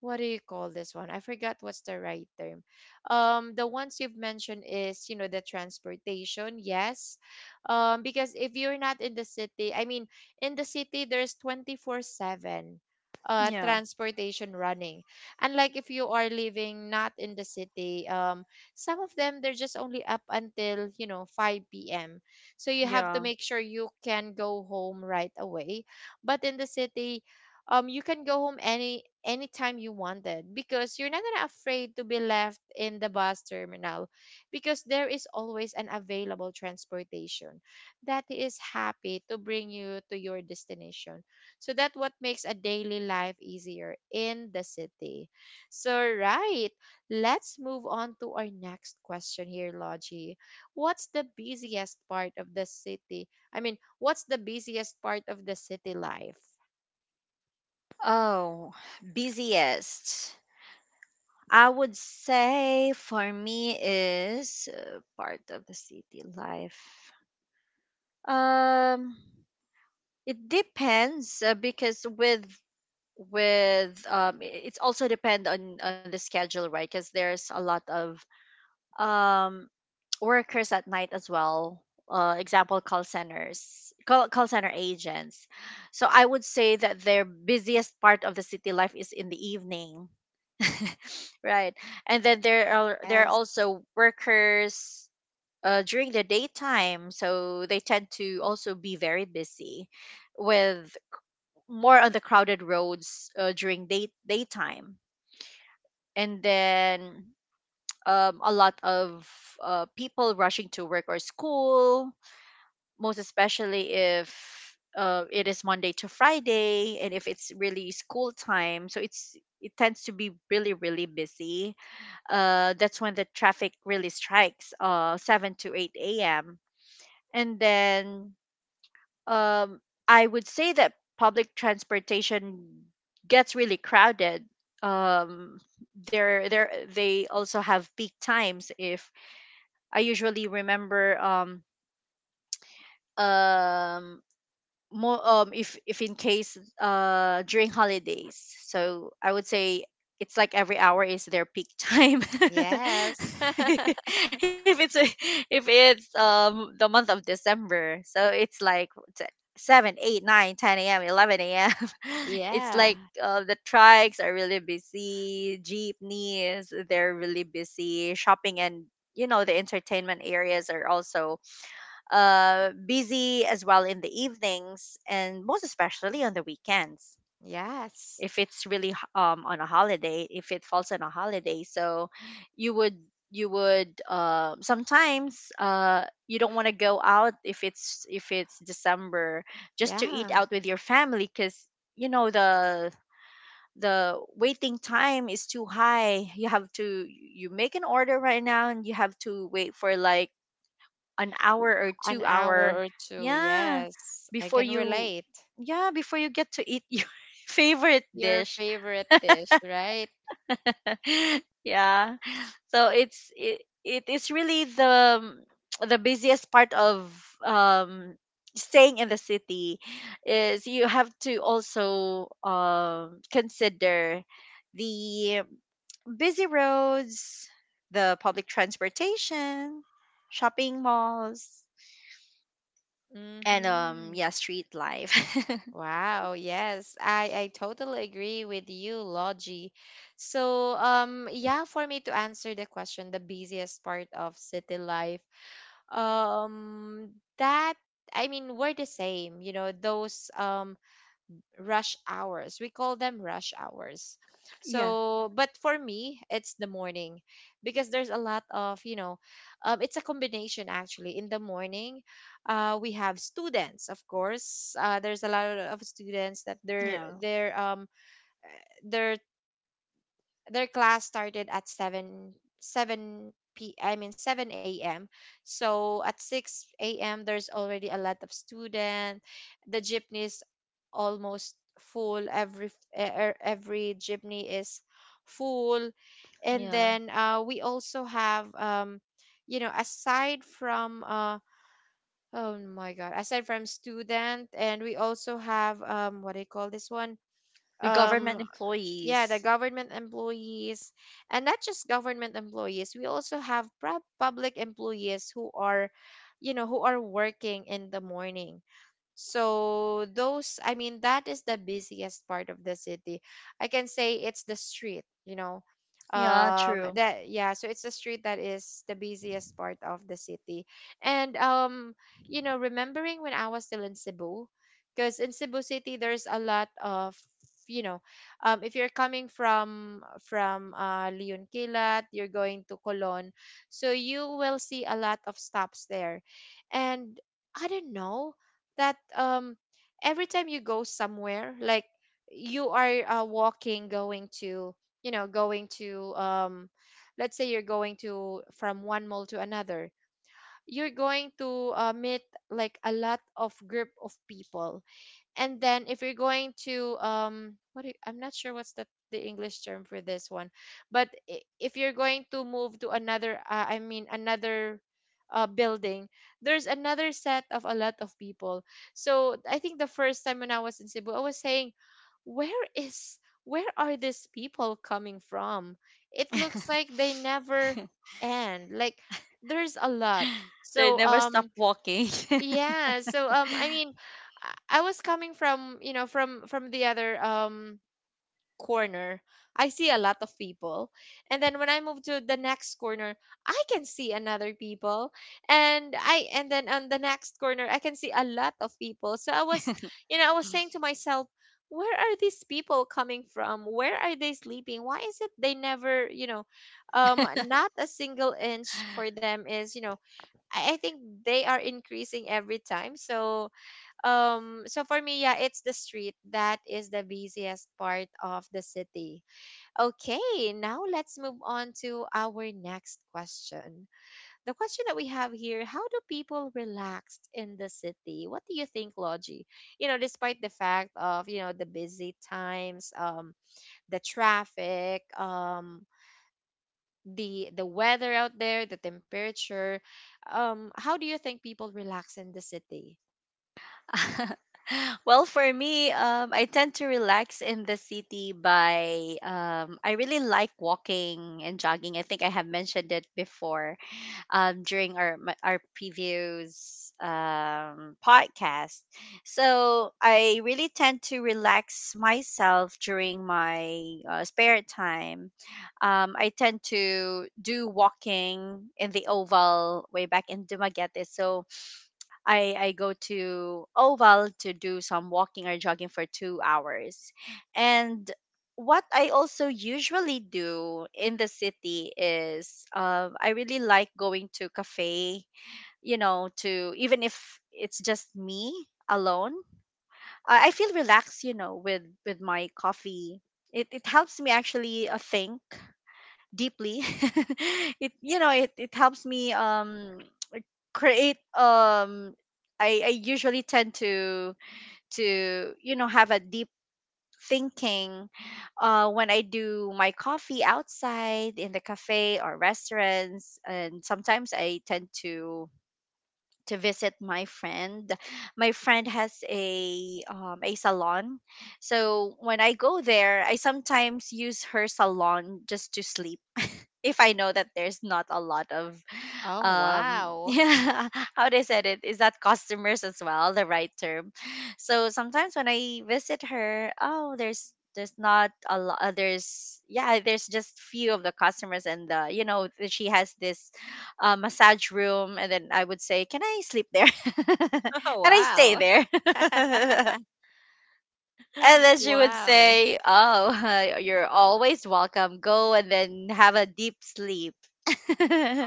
S1: what do you call this one? I forgot what's the right term. The ones you've mentioned is, the transportation, yes. Because if you're not in the city, I mean, in the city, there's 24/7
S2: Yeah,
S1: transportation running. Unlike if you are living not in the city, some of them, they're just only up until, 5 p.m. So you have to
S2: yeah.
S1: make sure you can go home right away. But in the city, you can go home anytime you wanted, because you're not gonna afraid to be left in the bus terminal, because there is always an available transportation that is happy to bring you to your destination. So that what makes a daily life easier in the city. So right, let's move on to our next question here, Logie. What's the busiest part of the city? I mean, what's the busiest part of the city life?
S2: Oh, busiest. I would say for me is part of the city life. Um, it depends, because it's also depend on the schedule, right? Because there's a lot of um workers at night as well, example call centers, call center agents. So I would say that their busiest part of the city life is in the evening. Right. And then there are
S1: Yes.
S2: also workers during the daytime, so they tend to also be very busy with more on the crowded roads during daytime. And then a lot of people rushing to work or school, most especially if it is Monday to Friday and if it's really school time. So it tends to be really really busy. That's when the traffic really strikes, 7 to 8 a.m. And then um, I would say that public transportation gets really crowded. Um, there there They also have peak times. If I usually remember, um more, if in case during holidays. So I would say it's like every hour is their peak time.
S1: Yes.
S2: if it's a- if it's the month of December, so it's like t- 7 a.m., 11 a.m. It's
S1: Yeah.
S2: like the trikes are really busy, jeepneys, they're really busy, shopping, and the entertainment areas are also busy as well in the evenings and most especially on the weekends,
S1: Yes.
S2: if it's really on a holiday, if it falls on a holiday. So you would you would, sometimes, you don't want to go out if it's December, just to eat
S1: Yeah.
S2: out with your family, because you know the the waiting time is too high. You have to You make an order right now, and you have to wait for like an hour
S1: W-
S2: or
S1: An
S2: 2
S1: hour
S2: hour,
S1: or two.
S2: yeah
S1: Yes. I
S2: before
S1: can
S2: you
S1: relate.
S2: yeah, before you get to eat, your favorite
S1: Your
S2: dish.
S1: favorite dish, right?
S2: Yeah, so it is really the busiest part of um staying in the city is you have to also consider the busy roads, the public transportation, shopping malls, and
S1: Mm-hmm.
S2: yeah, street life.
S1: Wow, yes. I totally agree with you, Logie. So, yeah, for me to answer the question, the busiest part of city life, that I mean, we're the same, those rush hours. We call them rush hours.
S2: Yeah.
S1: So, but for me, it's the morning because there's a lot of, it's a combination actually. In the morning, we have students, of course. There's a lot of students that
S2: Yeah,
S1: they're their class started at 7, 7 p I mean 7 a.m., so at 6 a.m. there's already a lot of student. The jeepneys almost full. Every f- e- e- every jeepney is full. And
S2: yeah,
S1: then we also have aside from oh my god, aside from student, and we also have what do you call this one,
S2: the
S1: um,
S2: government
S1: yeah, the
S2: employees.
S1: government employees. And not just government employees, we also have public employees who are who are working in the morning. So those, I mean, that is the busiest part of the city. I can say it's the street, you know.
S2: Yeah, true.
S1: That yeah, so it's the street that is the busiest part of the city. And you know, remembering when I was still in Cebu, because in Cebu City there's a lot of, you know, if you're coming from Leon Kilat, you're going to Colon, so you will see a lot of stops there. And I don't know that every time you go somewhere, like you are walking, going to, going to, let's say you're going to, from one mall to another, you're going to meet like a lot of group of people. And then if you're going to what do you, I'm not sure what's the english term for this one. But if you're going to move to another, I mean another building, there's another set of a lot of people. So I think the first time when I was in Cebu I was saying, where is, where are these people coming from? It looks like they never end. Like there's a lot.
S2: They
S1: So
S2: never stop walking.
S1: yeah, so I mean, I was coming from, you know, from the other corner. I see a lot of people. And then when I move to the next corner, I can see another people. And then on the next corner, I can see a lot of people. So I was, you know, I was saying to myself, where are these people coming from? Where are they sleeping? Why is it they never, you know, not a single inch for them is, you know, I think they are increasing every time. So so for me, yeah, it's the street that is the busiest part of the city. Okay, now let's move on to our next question. The question that we have here, how do people relax in the city? What do you think, Logi? You know, despite the fact of, you know, the busy times, the traffic, the weather out there, the temperature. How do you think people relax in the city?
S2: Well, for me, I tend to relax in the city by I really like walking and jogging. I think I have mentioned it before, during our previous podcast. So I really tend to relax myself during my spare time. I tend to do walking in the Oval way back in Dumaguete. So I go to Oval to do some walking or jogging for 2 hours. And what I also usually do in the city is I really like going to cafe, you know, to even if it's just me alone, I feel relaxed, with, my coffee. It helps me actually think deeply. it you know it, it helps me create. I usually tend to have a deep thinking when I do my coffee outside in the cafe or restaurants. And sometimes I tend to visit my friend. My friend has a salon, so when I go there I sometimes use her salon just to sleep if I know that there's not a lot of
S1: Oh, wow!
S2: yeah, how they said it is, that customers as well, the right term. So sometimes when I visit her, oh, there's not a lot. There's just few of the customers. And the you know th- she has this massage room. And then I would say, can I sleep there? Can
S1: Oh,
S2: I stay
S1: wow!
S2: there? And then she would
S1: Wow!
S2: say, "Oh, you're always welcome. Go and then have a deep sleep."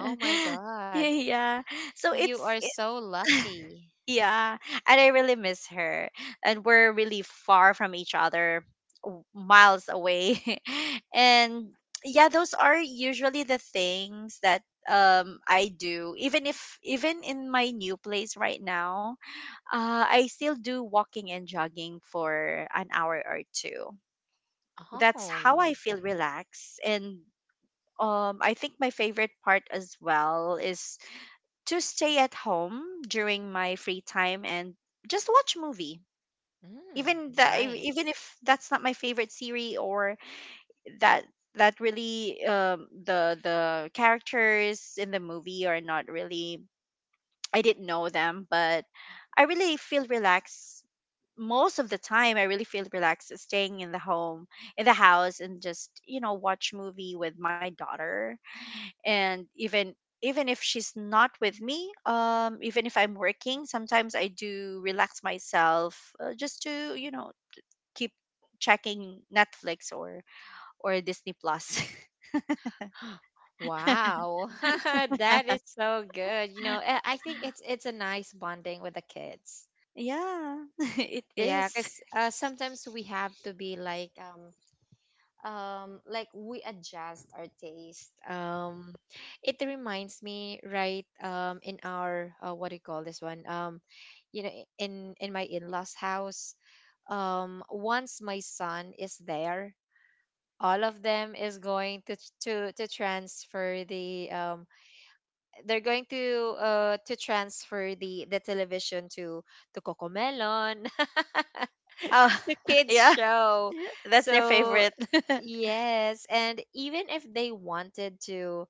S1: Oh my God!
S2: Yeah. So
S1: You are so lucky.
S2: yeah, and I really miss her, and we're really far from each other, miles away, and yeah, those are usually the things that I do. Even if even in my new place right now, I still do walking and jogging for an hour or two. That's how
S1: Oh,
S2: I feel relaxed. And I think my favorite part as well is to stay at home during my free time and just watch movie.
S1: mm,
S2: Even that, even
S1: nice.
S2: if that's not my favorite series, or that that really, the characters in the movie are not really, I didn't know them, but I really feel relaxed most of the time. I really feel relaxed staying in the home, in the house, and just watch movie with my daughter. And even if she's not with me, even if I'm working, sometimes I do relax myself, just to keep checking Netflix or Disney Plus.
S1: Wow, that is so good. You know, I think it's a nice bonding with the kids.
S2: Yeah. It
S1: Yeah,
S2: is.
S1: because sometimes we have to be like we adjust our taste. It reminds me, right, in our what do you call this one? You know, in my in-laws house. Once my son is there, all of them is going to to transfer the, they're going to transfer the television to Cocomelon,
S2: Oh.
S1: to kids
S2: Yeah.
S1: show.
S2: That's their
S1: So
S2: favorite.
S1: yes, and even if they wanted to,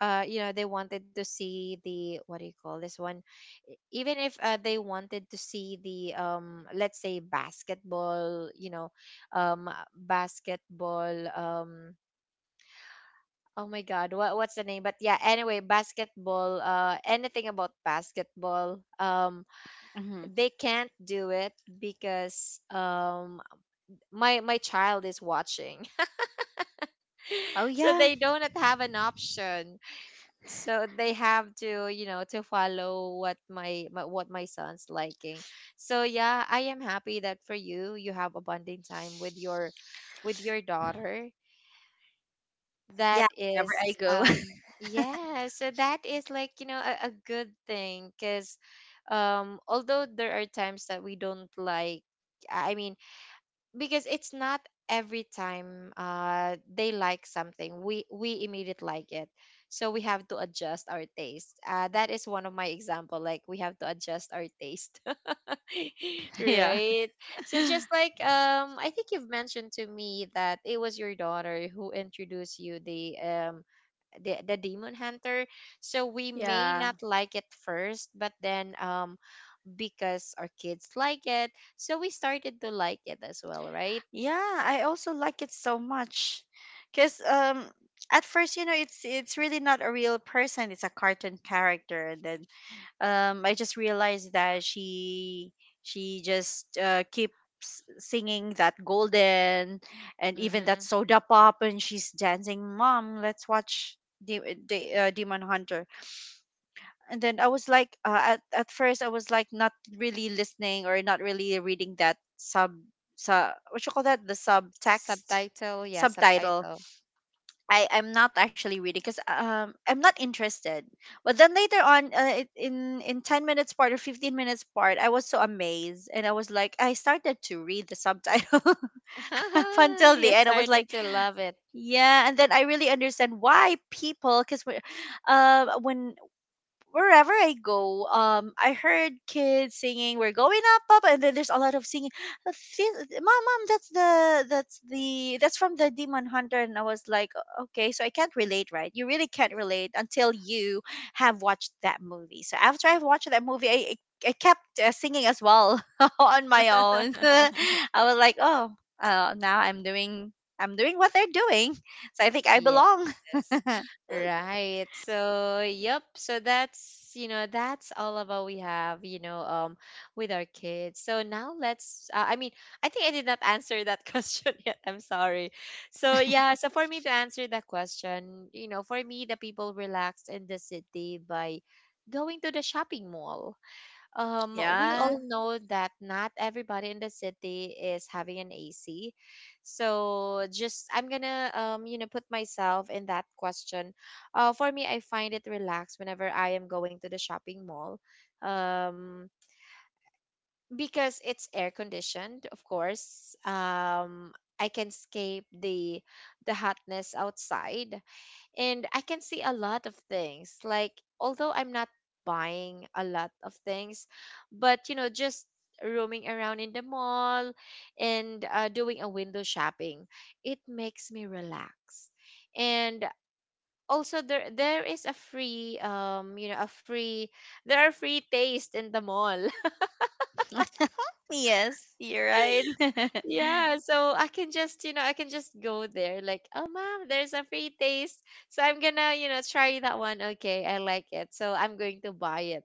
S1: they wanted to see the, what do you call this one? Even if they wanted to see the, let's say basketball, you know, um basketball, oh my God, what's the name? But yeah, anyway, basketball, anything about basketball,
S2: Hmm.
S1: they can't do it because, my child is watching,
S2: Oh
S1: so
S2: yeah,
S1: they don't have an option. So they have to, you know, to follow what my what my son's liking. So yeah, I am happy that for you, you have a bonding time with your daughter. That
S2: yeah. Whenever
S1: is,
S2: I go,
S1: yeah, so that is like, you know, a good thing because, although there are times that we don't like, I mean, because it's not every time they like something, we immediately like it, so we have to adjust our taste. That is one of my example, like, we have to adjust our taste.
S2: yeah,
S1: Right. So just like, I think you've mentioned to me that it was your daughter who introduced you the, the demon hunter. So we may
S2: yeah,
S1: not like it first, but then, because our kids like it, so we started to like it as well, right?
S2: yeah. I also like it so much, cause at first, it's really not a real person. It's a cartoon character. And then I just realized that she just keeps singing that golden, and even that
S1: Mm-hmm.
S2: soda pop, and she's dancing. Mom, let's watch the Demon Hunter. And then I was like, at first I was like not really listening or not really reading that sub sub what you call that, the subtext,
S1: Subtitle, yeah,
S2: subtitle.
S1: subtitle.
S2: I'm not actually reading because I'm not interested. But then later on, in 10 minutes part or 15 minutes part, I was so amazed and I was like, I started to read the subtitle up until the
S1: You
S2: end. I was
S1: started
S2: like,
S1: to love it.
S2: yeah, and then I really understand why people, because when wherever I go, I heard kids singing, "We're going up, up," and then there's a lot of singing. Mom, that's the that's the that's from the Demon Hunter." And I was like, "Okay, so I can't relate, right? You really can't relate until you have watched that movie." So after I've watched that movie, I kept, singing as well on my own. I was like, oh, now I'm doing what they're doing, so I think I belong.
S1: Yes, right. So, yep. So that's, you know, that's all about we have, you know, with our kids. So now let's, I mean, I think I did not answer that question yet. I'm sorry. So, yeah, so for me to answer that question, you know, for me, the people relax in the city by going to the shopping mall. We
S2: Yeah.
S1: all know that not everybody in the city is having an AC. So just I'm gonna, you know, put myself in that question. For me, I find it relaxed whenever I am going to the shopping mall. Um, because it's air conditioned, of course. I can escape the hotness outside, and I can see a lot of things. Like, although I'm not buying a lot of things, but you know, just roaming around in the mall and doing a window shopping, it makes me relax. And also there is a free, you know, a free, there are free taste in the mall.
S2: Yes, you're right.
S1: Yeah, so I can just, you know, I can just go there like, "Oh, mom, there's a free taste." So I'm gonna, you know, try that one. Okay, I like it. So I'm going to buy it.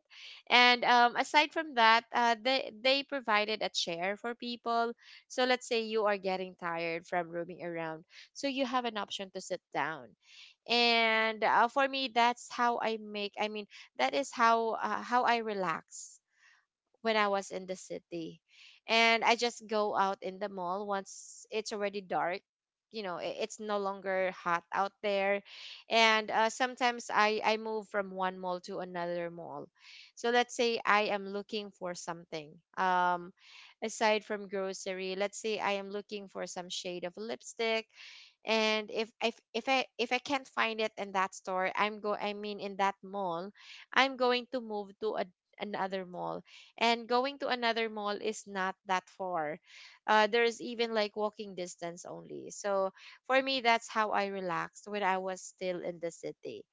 S1: And, aside from that, they provided a chair for people. So let's say you are getting tired from roaming around. So you have an option to sit down. And for me, that's how I make, I mean, that is how, how I relax when I was in the city. And I just go out in the mall once it's already dark. You know, it's no longer hot out there. And sometimes I move from one mall to another mall. So let's say I am looking for something. Aside from grocery, let's say I am looking for some shade of lipstick, and if I, if I can't find it in that store, I mean, in that mall, I'm going to move to a, another mall, and going to another mall is not that far. There's even like walking distance only. So for me, that's how I relaxed when I was still in the city.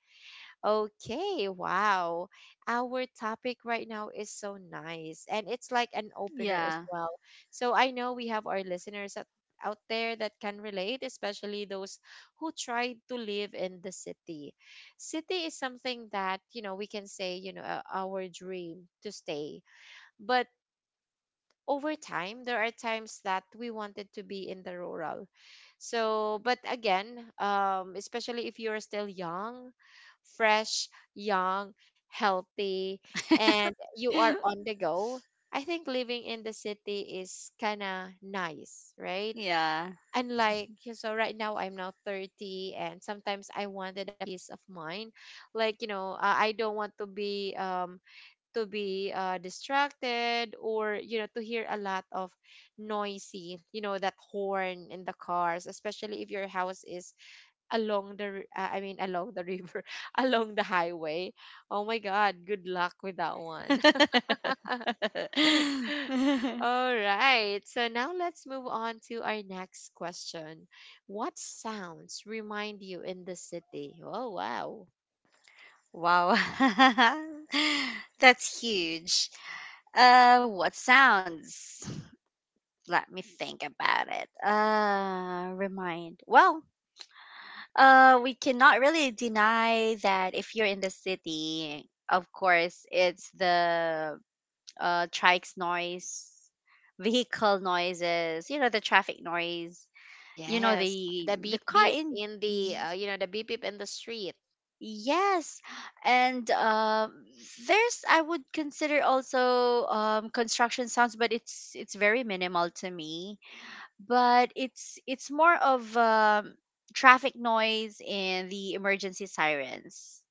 S1: Okay, wow. Our topic right now is so nice, and it's like an opener as
S2: Yeah.
S1: well. So I know we have our listeners at out there that can relate, especially those who tried to live in the city. City is something that, you know, we can say, you know, our dream to stay, but over time there are times that we wanted to be in the rural. So but again, especially if you're still young, fresh, young, healthy, and you are on the go, I think living in the city is kind of nice, right?
S2: Yeah.
S1: Unlike, so right now I'm now 30, and sometimes I wanted a peace of mind, like, you know, I don't want to be, to be, distracted, or you know, to hear a lot of noisy, you know, that horn in the cars, especially if your house is along the I mean along the river, along the highway. Oh my God, good luck with that one. All right, so now let's move on to our next question. What sounds remind you in the city? Oh wow.
S2: Wow. That's huge. What sounds? Let me think about it. Remind. Well, we cannot really deny that if you're in the city, of course, it's the trikes noise, vehicle noises, the traffic noise, you know,
S1: Yes,
S2: the
S1: the
S2: the
S1: beep
S2: car
S1: beep
S2: in
S1: in the,
S2: y-
S1: you know, the beep beep in the street.
S2: yes, and there's I would consider also construction sounds, but it's very minimal to me. But it's more of traffic noise and the emergency sirens,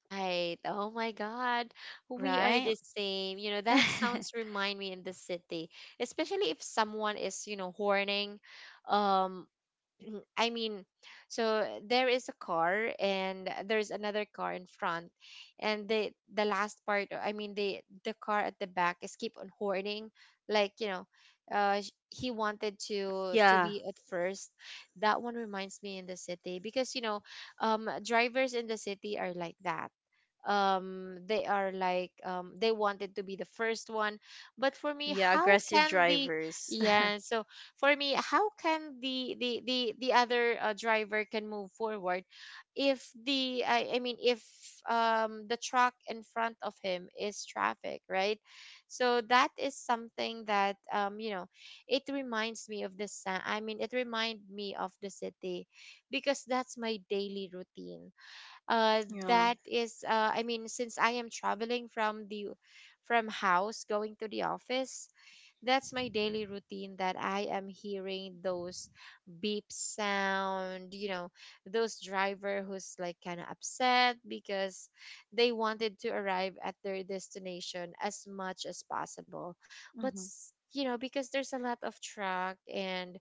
S1: Right. Oh my God. We are
S2: right?
S1: the same. You know, that sounds remind me in the city, especially if someone is, you know, horning. Um, I mean, so there is a car and there's another car in front, and the last part, I mean, the car at the back is keep on horning, like, you know, he wanted to
S2: Yeah,
S1: be at first. That one reminds me in the city because, you know, drivers in the city are like that. They are like, they wanted to be the first one. But for me,
S2: yeah,
S1: how
S2: aggressive
S1: can the,
S2: drivers.
S1: yeah, so for me, how can the the other driver can move forward if the, I mean, if, the truck in front of him is traffic, right? So that is something that, you know, it reminds me of the it remind me of the city because that's my daily routine.
S2: Yeah.
S1: That is, I mean, since I am traveling from the from house going to the office, that's my daily routine that I am hearing those beep sound, you know, those driver who's like kind of upset because they wanted to arrive at their destination as much as possible. But
S2: Hmm.
S1: you know, because there's a lot of truck and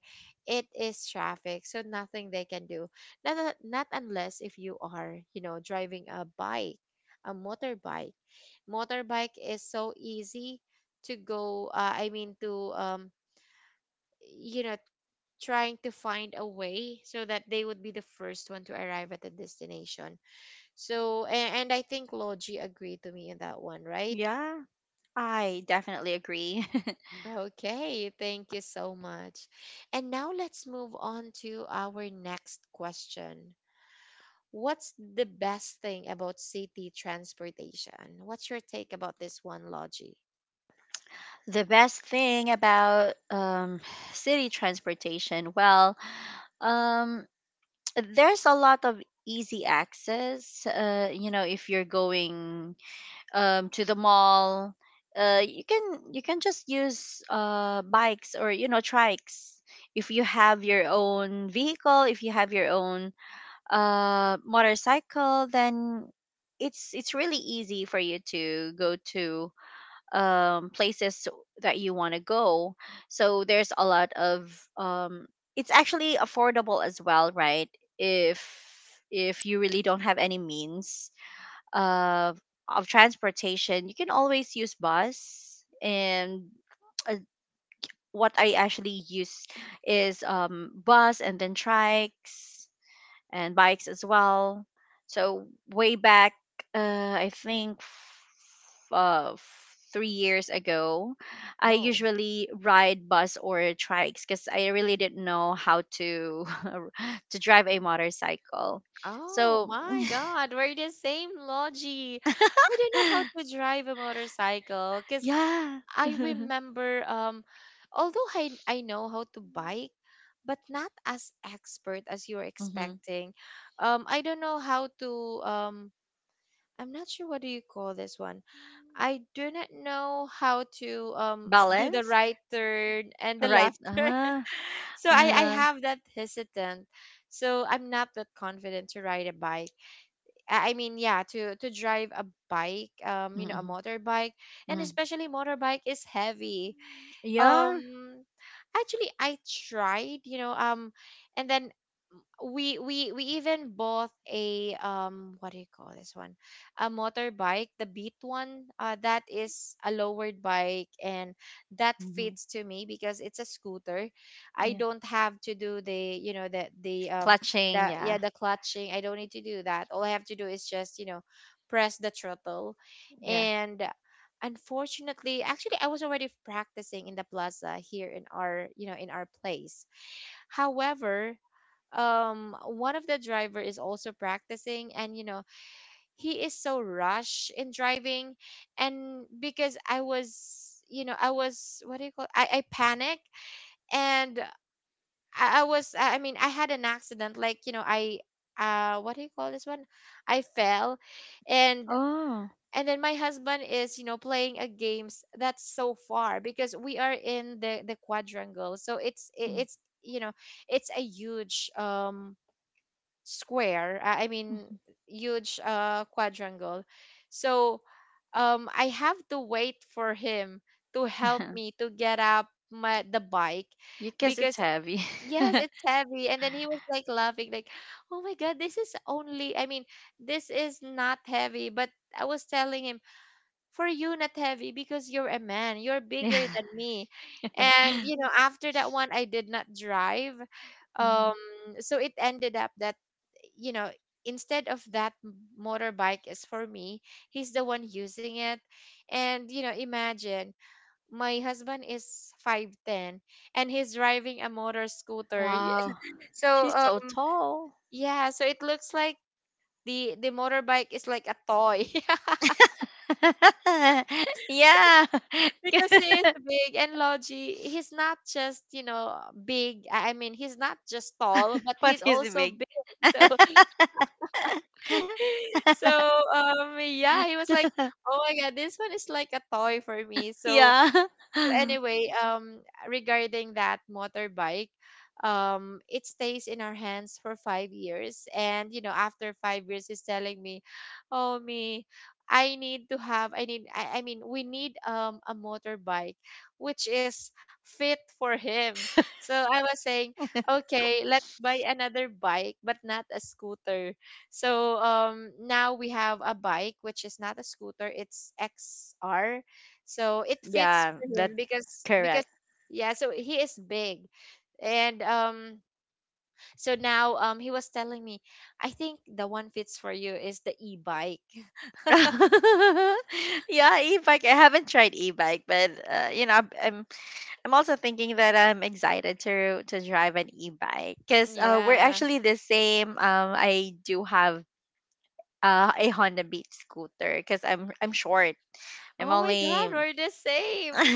S1: it is traffic, so nothing they can do. Not unless if you are, you know, driving a bike, a motorbike. Motorbike is so easy to go, I mean to, you know, trying to find a way so that they would be the first one to arrive at the destination. So and I think Logi agreed to me in that one, right?
S2: Yeah. I definitely agree.
S1: Okay, thank you so much. And now let's move on to our next question. What's the best thing about city transportation? What's your take about this one, Logi?
S2: The best thing about city transportation, well, um, there's a lot of easy access. If you're going to the mall, you can just use bikes or trikes. If you have your own vehicle, if you have your own motorcycle, then it's really easy for you to go to places that you want to go. So there's a lot of it's actually affordable as well, right? If if you really don't have any means of of transportation, you can always use bus. And uh, what I actually use is bus and then trikes and bikes as well. So way back, I think 3 years ago, I
S1: Oh.
S2: usually ride bus or trikes because I really didn't know how to to drive a motorcycle.
S1: Oh
S2: So
S1: my God, we're the same, Logie. I don't know how to drive a motorcycle because
S2: yeah,
S1: I remember, although I know how to bike, but not as expert as you're
S2: hmm,
S1: expecting. I don't know how to, I'm not sure what do you call this one. I do not know how to, do the
S2: balance,
S1: right turn and the
S2: right?
S1: left turn. So I
S2: Uh,
S1: have that hesitant. So I'm not that confident to ride a bike. I mean, yeah, to drive a bike, you know, a
S2: mm-hmm,
S1: motorbike, and
S2: mm-hmm.
S1: especially motorbike is heavy.
S2: Yeah.
S1: Um, actually, I tried, you know, and then we even bought a, what do you call this one, a motorbike, the beat one, that is a lowered bike, and that
S2: Hmm.
S1: fits to me because it's a scooter. I
S2: Yeah.
S1: don't have to do the, you know, the
S2: Clutching.
S1: the,
S2: Yeah.
S1: yeah, the clutching. I don't need to do that. All I have to do is just, you know, press the throttle.
S2: Yeah.
S1: And unfortunately, actually, I was already practicing in the plaza here in our, you know, in our place. However, one of the driver is also practicing, and you know, he is so rush in driving. And because I was, you know, I was, what do you call, I panic, and I was I mean I had an accident, like, you know, I, what do you call this one, I fell. and
S2: Oh.
S1: and then my husband is, you know, playing a games that's so far because we are in the quadrangle, so it's
S2: Mm-hmm.
S1: it's, you know, it's a huge, square, huge quadrangle. So, I have to wait for him to help me to get up my the bike
S2: Because it's
S1: because,
S2: heavy.
S1: yes, it's heavy. And then he was like laughing like, oh my God, this is only, I mean, this is not heavy. But I was telling him, for you not heavy because you're a man, you're
S2: Yeah.
S1: bigger than me. And you know, after that one, I did not drive.
S2: Mhm.
S1: Um, so it ended up that, you know, instead of that motorbike is for me, he's the one using it. And you know, imagine, my husband is 5'10, and he's driving a motor scooter.
S2: Wow.
S1: So,
S2: She's so tall.
S1: yeah, so it looks like the motorbike is like a toy.
S2: Yeah.
S1: Because he is big, and Logie, he's not just, you know, big. I mean, he's not just tall, but
S2: What
S1: he's
S2: is
S1: also
S2: big?
S1: big. So, so, yeah, he was like, "Oh my God, this one is like a toy for me." So,
S2: Yeah.
S1: anyway, regarding that motorbike, it stays in our hands for 5 years, and you know, after 5 years, he's telling me, "Oh me, I need to have, I need, I mean, we need, a motorbike, which is fit for him." So I was saying, "Okay, let's buy another bike, but not a scooter." So, now we have a bike which is not a scooter; it's XR, so it fits
S2: Yeah,
S1: for him
S2: that's
S1: because,
S2: correct.
S1: yeah, so he is big. And, so now, he was telling me, I think the one fits for you is the e-bike.
S2: Yeah, e-bike. I haven't tried e-bike, but I'm also thinking that I'm excited to drive an e-bike because we're
S1: Yeah.
S2: actually the same. I do have a Honda Beat scooter because I'm short. I'm
S1: Oh my
S2: only
S1: God, we're the same.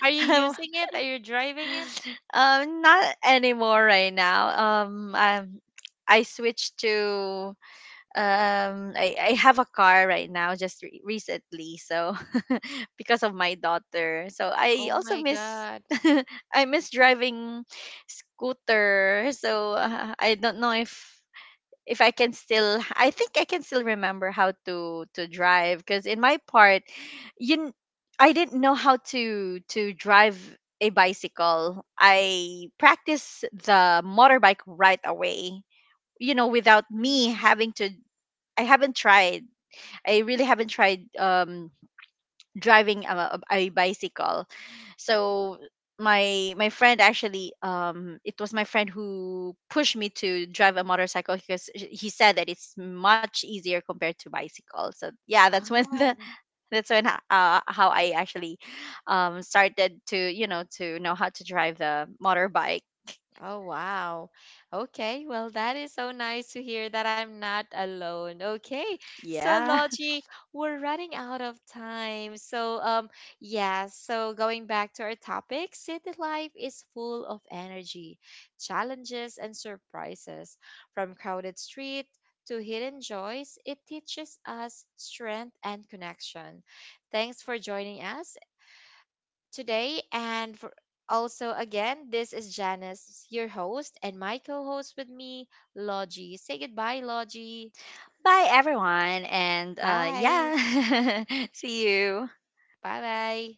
S1: Are you using it? Are you driving it?
S2: not anymore right now. Um, i I switched to, I have a car right now just recently. So because of my daughter, so I
S1: Oh
S2: also
S1: my
S2: miss
S1: God.
S2: I miss driving scooter. So I don't know if I can still, I think I can still remember how to drive because in my part, you kn- I didn't know how to drive a bicycle. I practice the motorbike right away, without me
S1: Mm.
S2: having to. I haven't tried. I really haven't tried driving a bicycle. So my friend actually, it was my friend who pushed me to drive a motorcycle because he said that it's much easier compared to bicycle. So yeah, that's when the
S1: Oh.
S2: that's when h- how I actually started to know how to drive the motorbike.
S1: Oh, wow. Okay. Well, that is so nice to hear that I'm not alone. Okay. So,
S2: Yeah.
S1: Logie, we're running out of time. So, yeah. So, going back to our topic, city life is full of energy, challenges, and surprises. From crowded street to hidden joys, it teaches us strength and connection. Thanks for joining us today. And for also, again, this is Janice, your host, and my co host with me, Logie. Say goodbye, Logie.
S2: Bye everyone, and
S1: Bye.
S2: yeah. See you.
S1: Bye bye.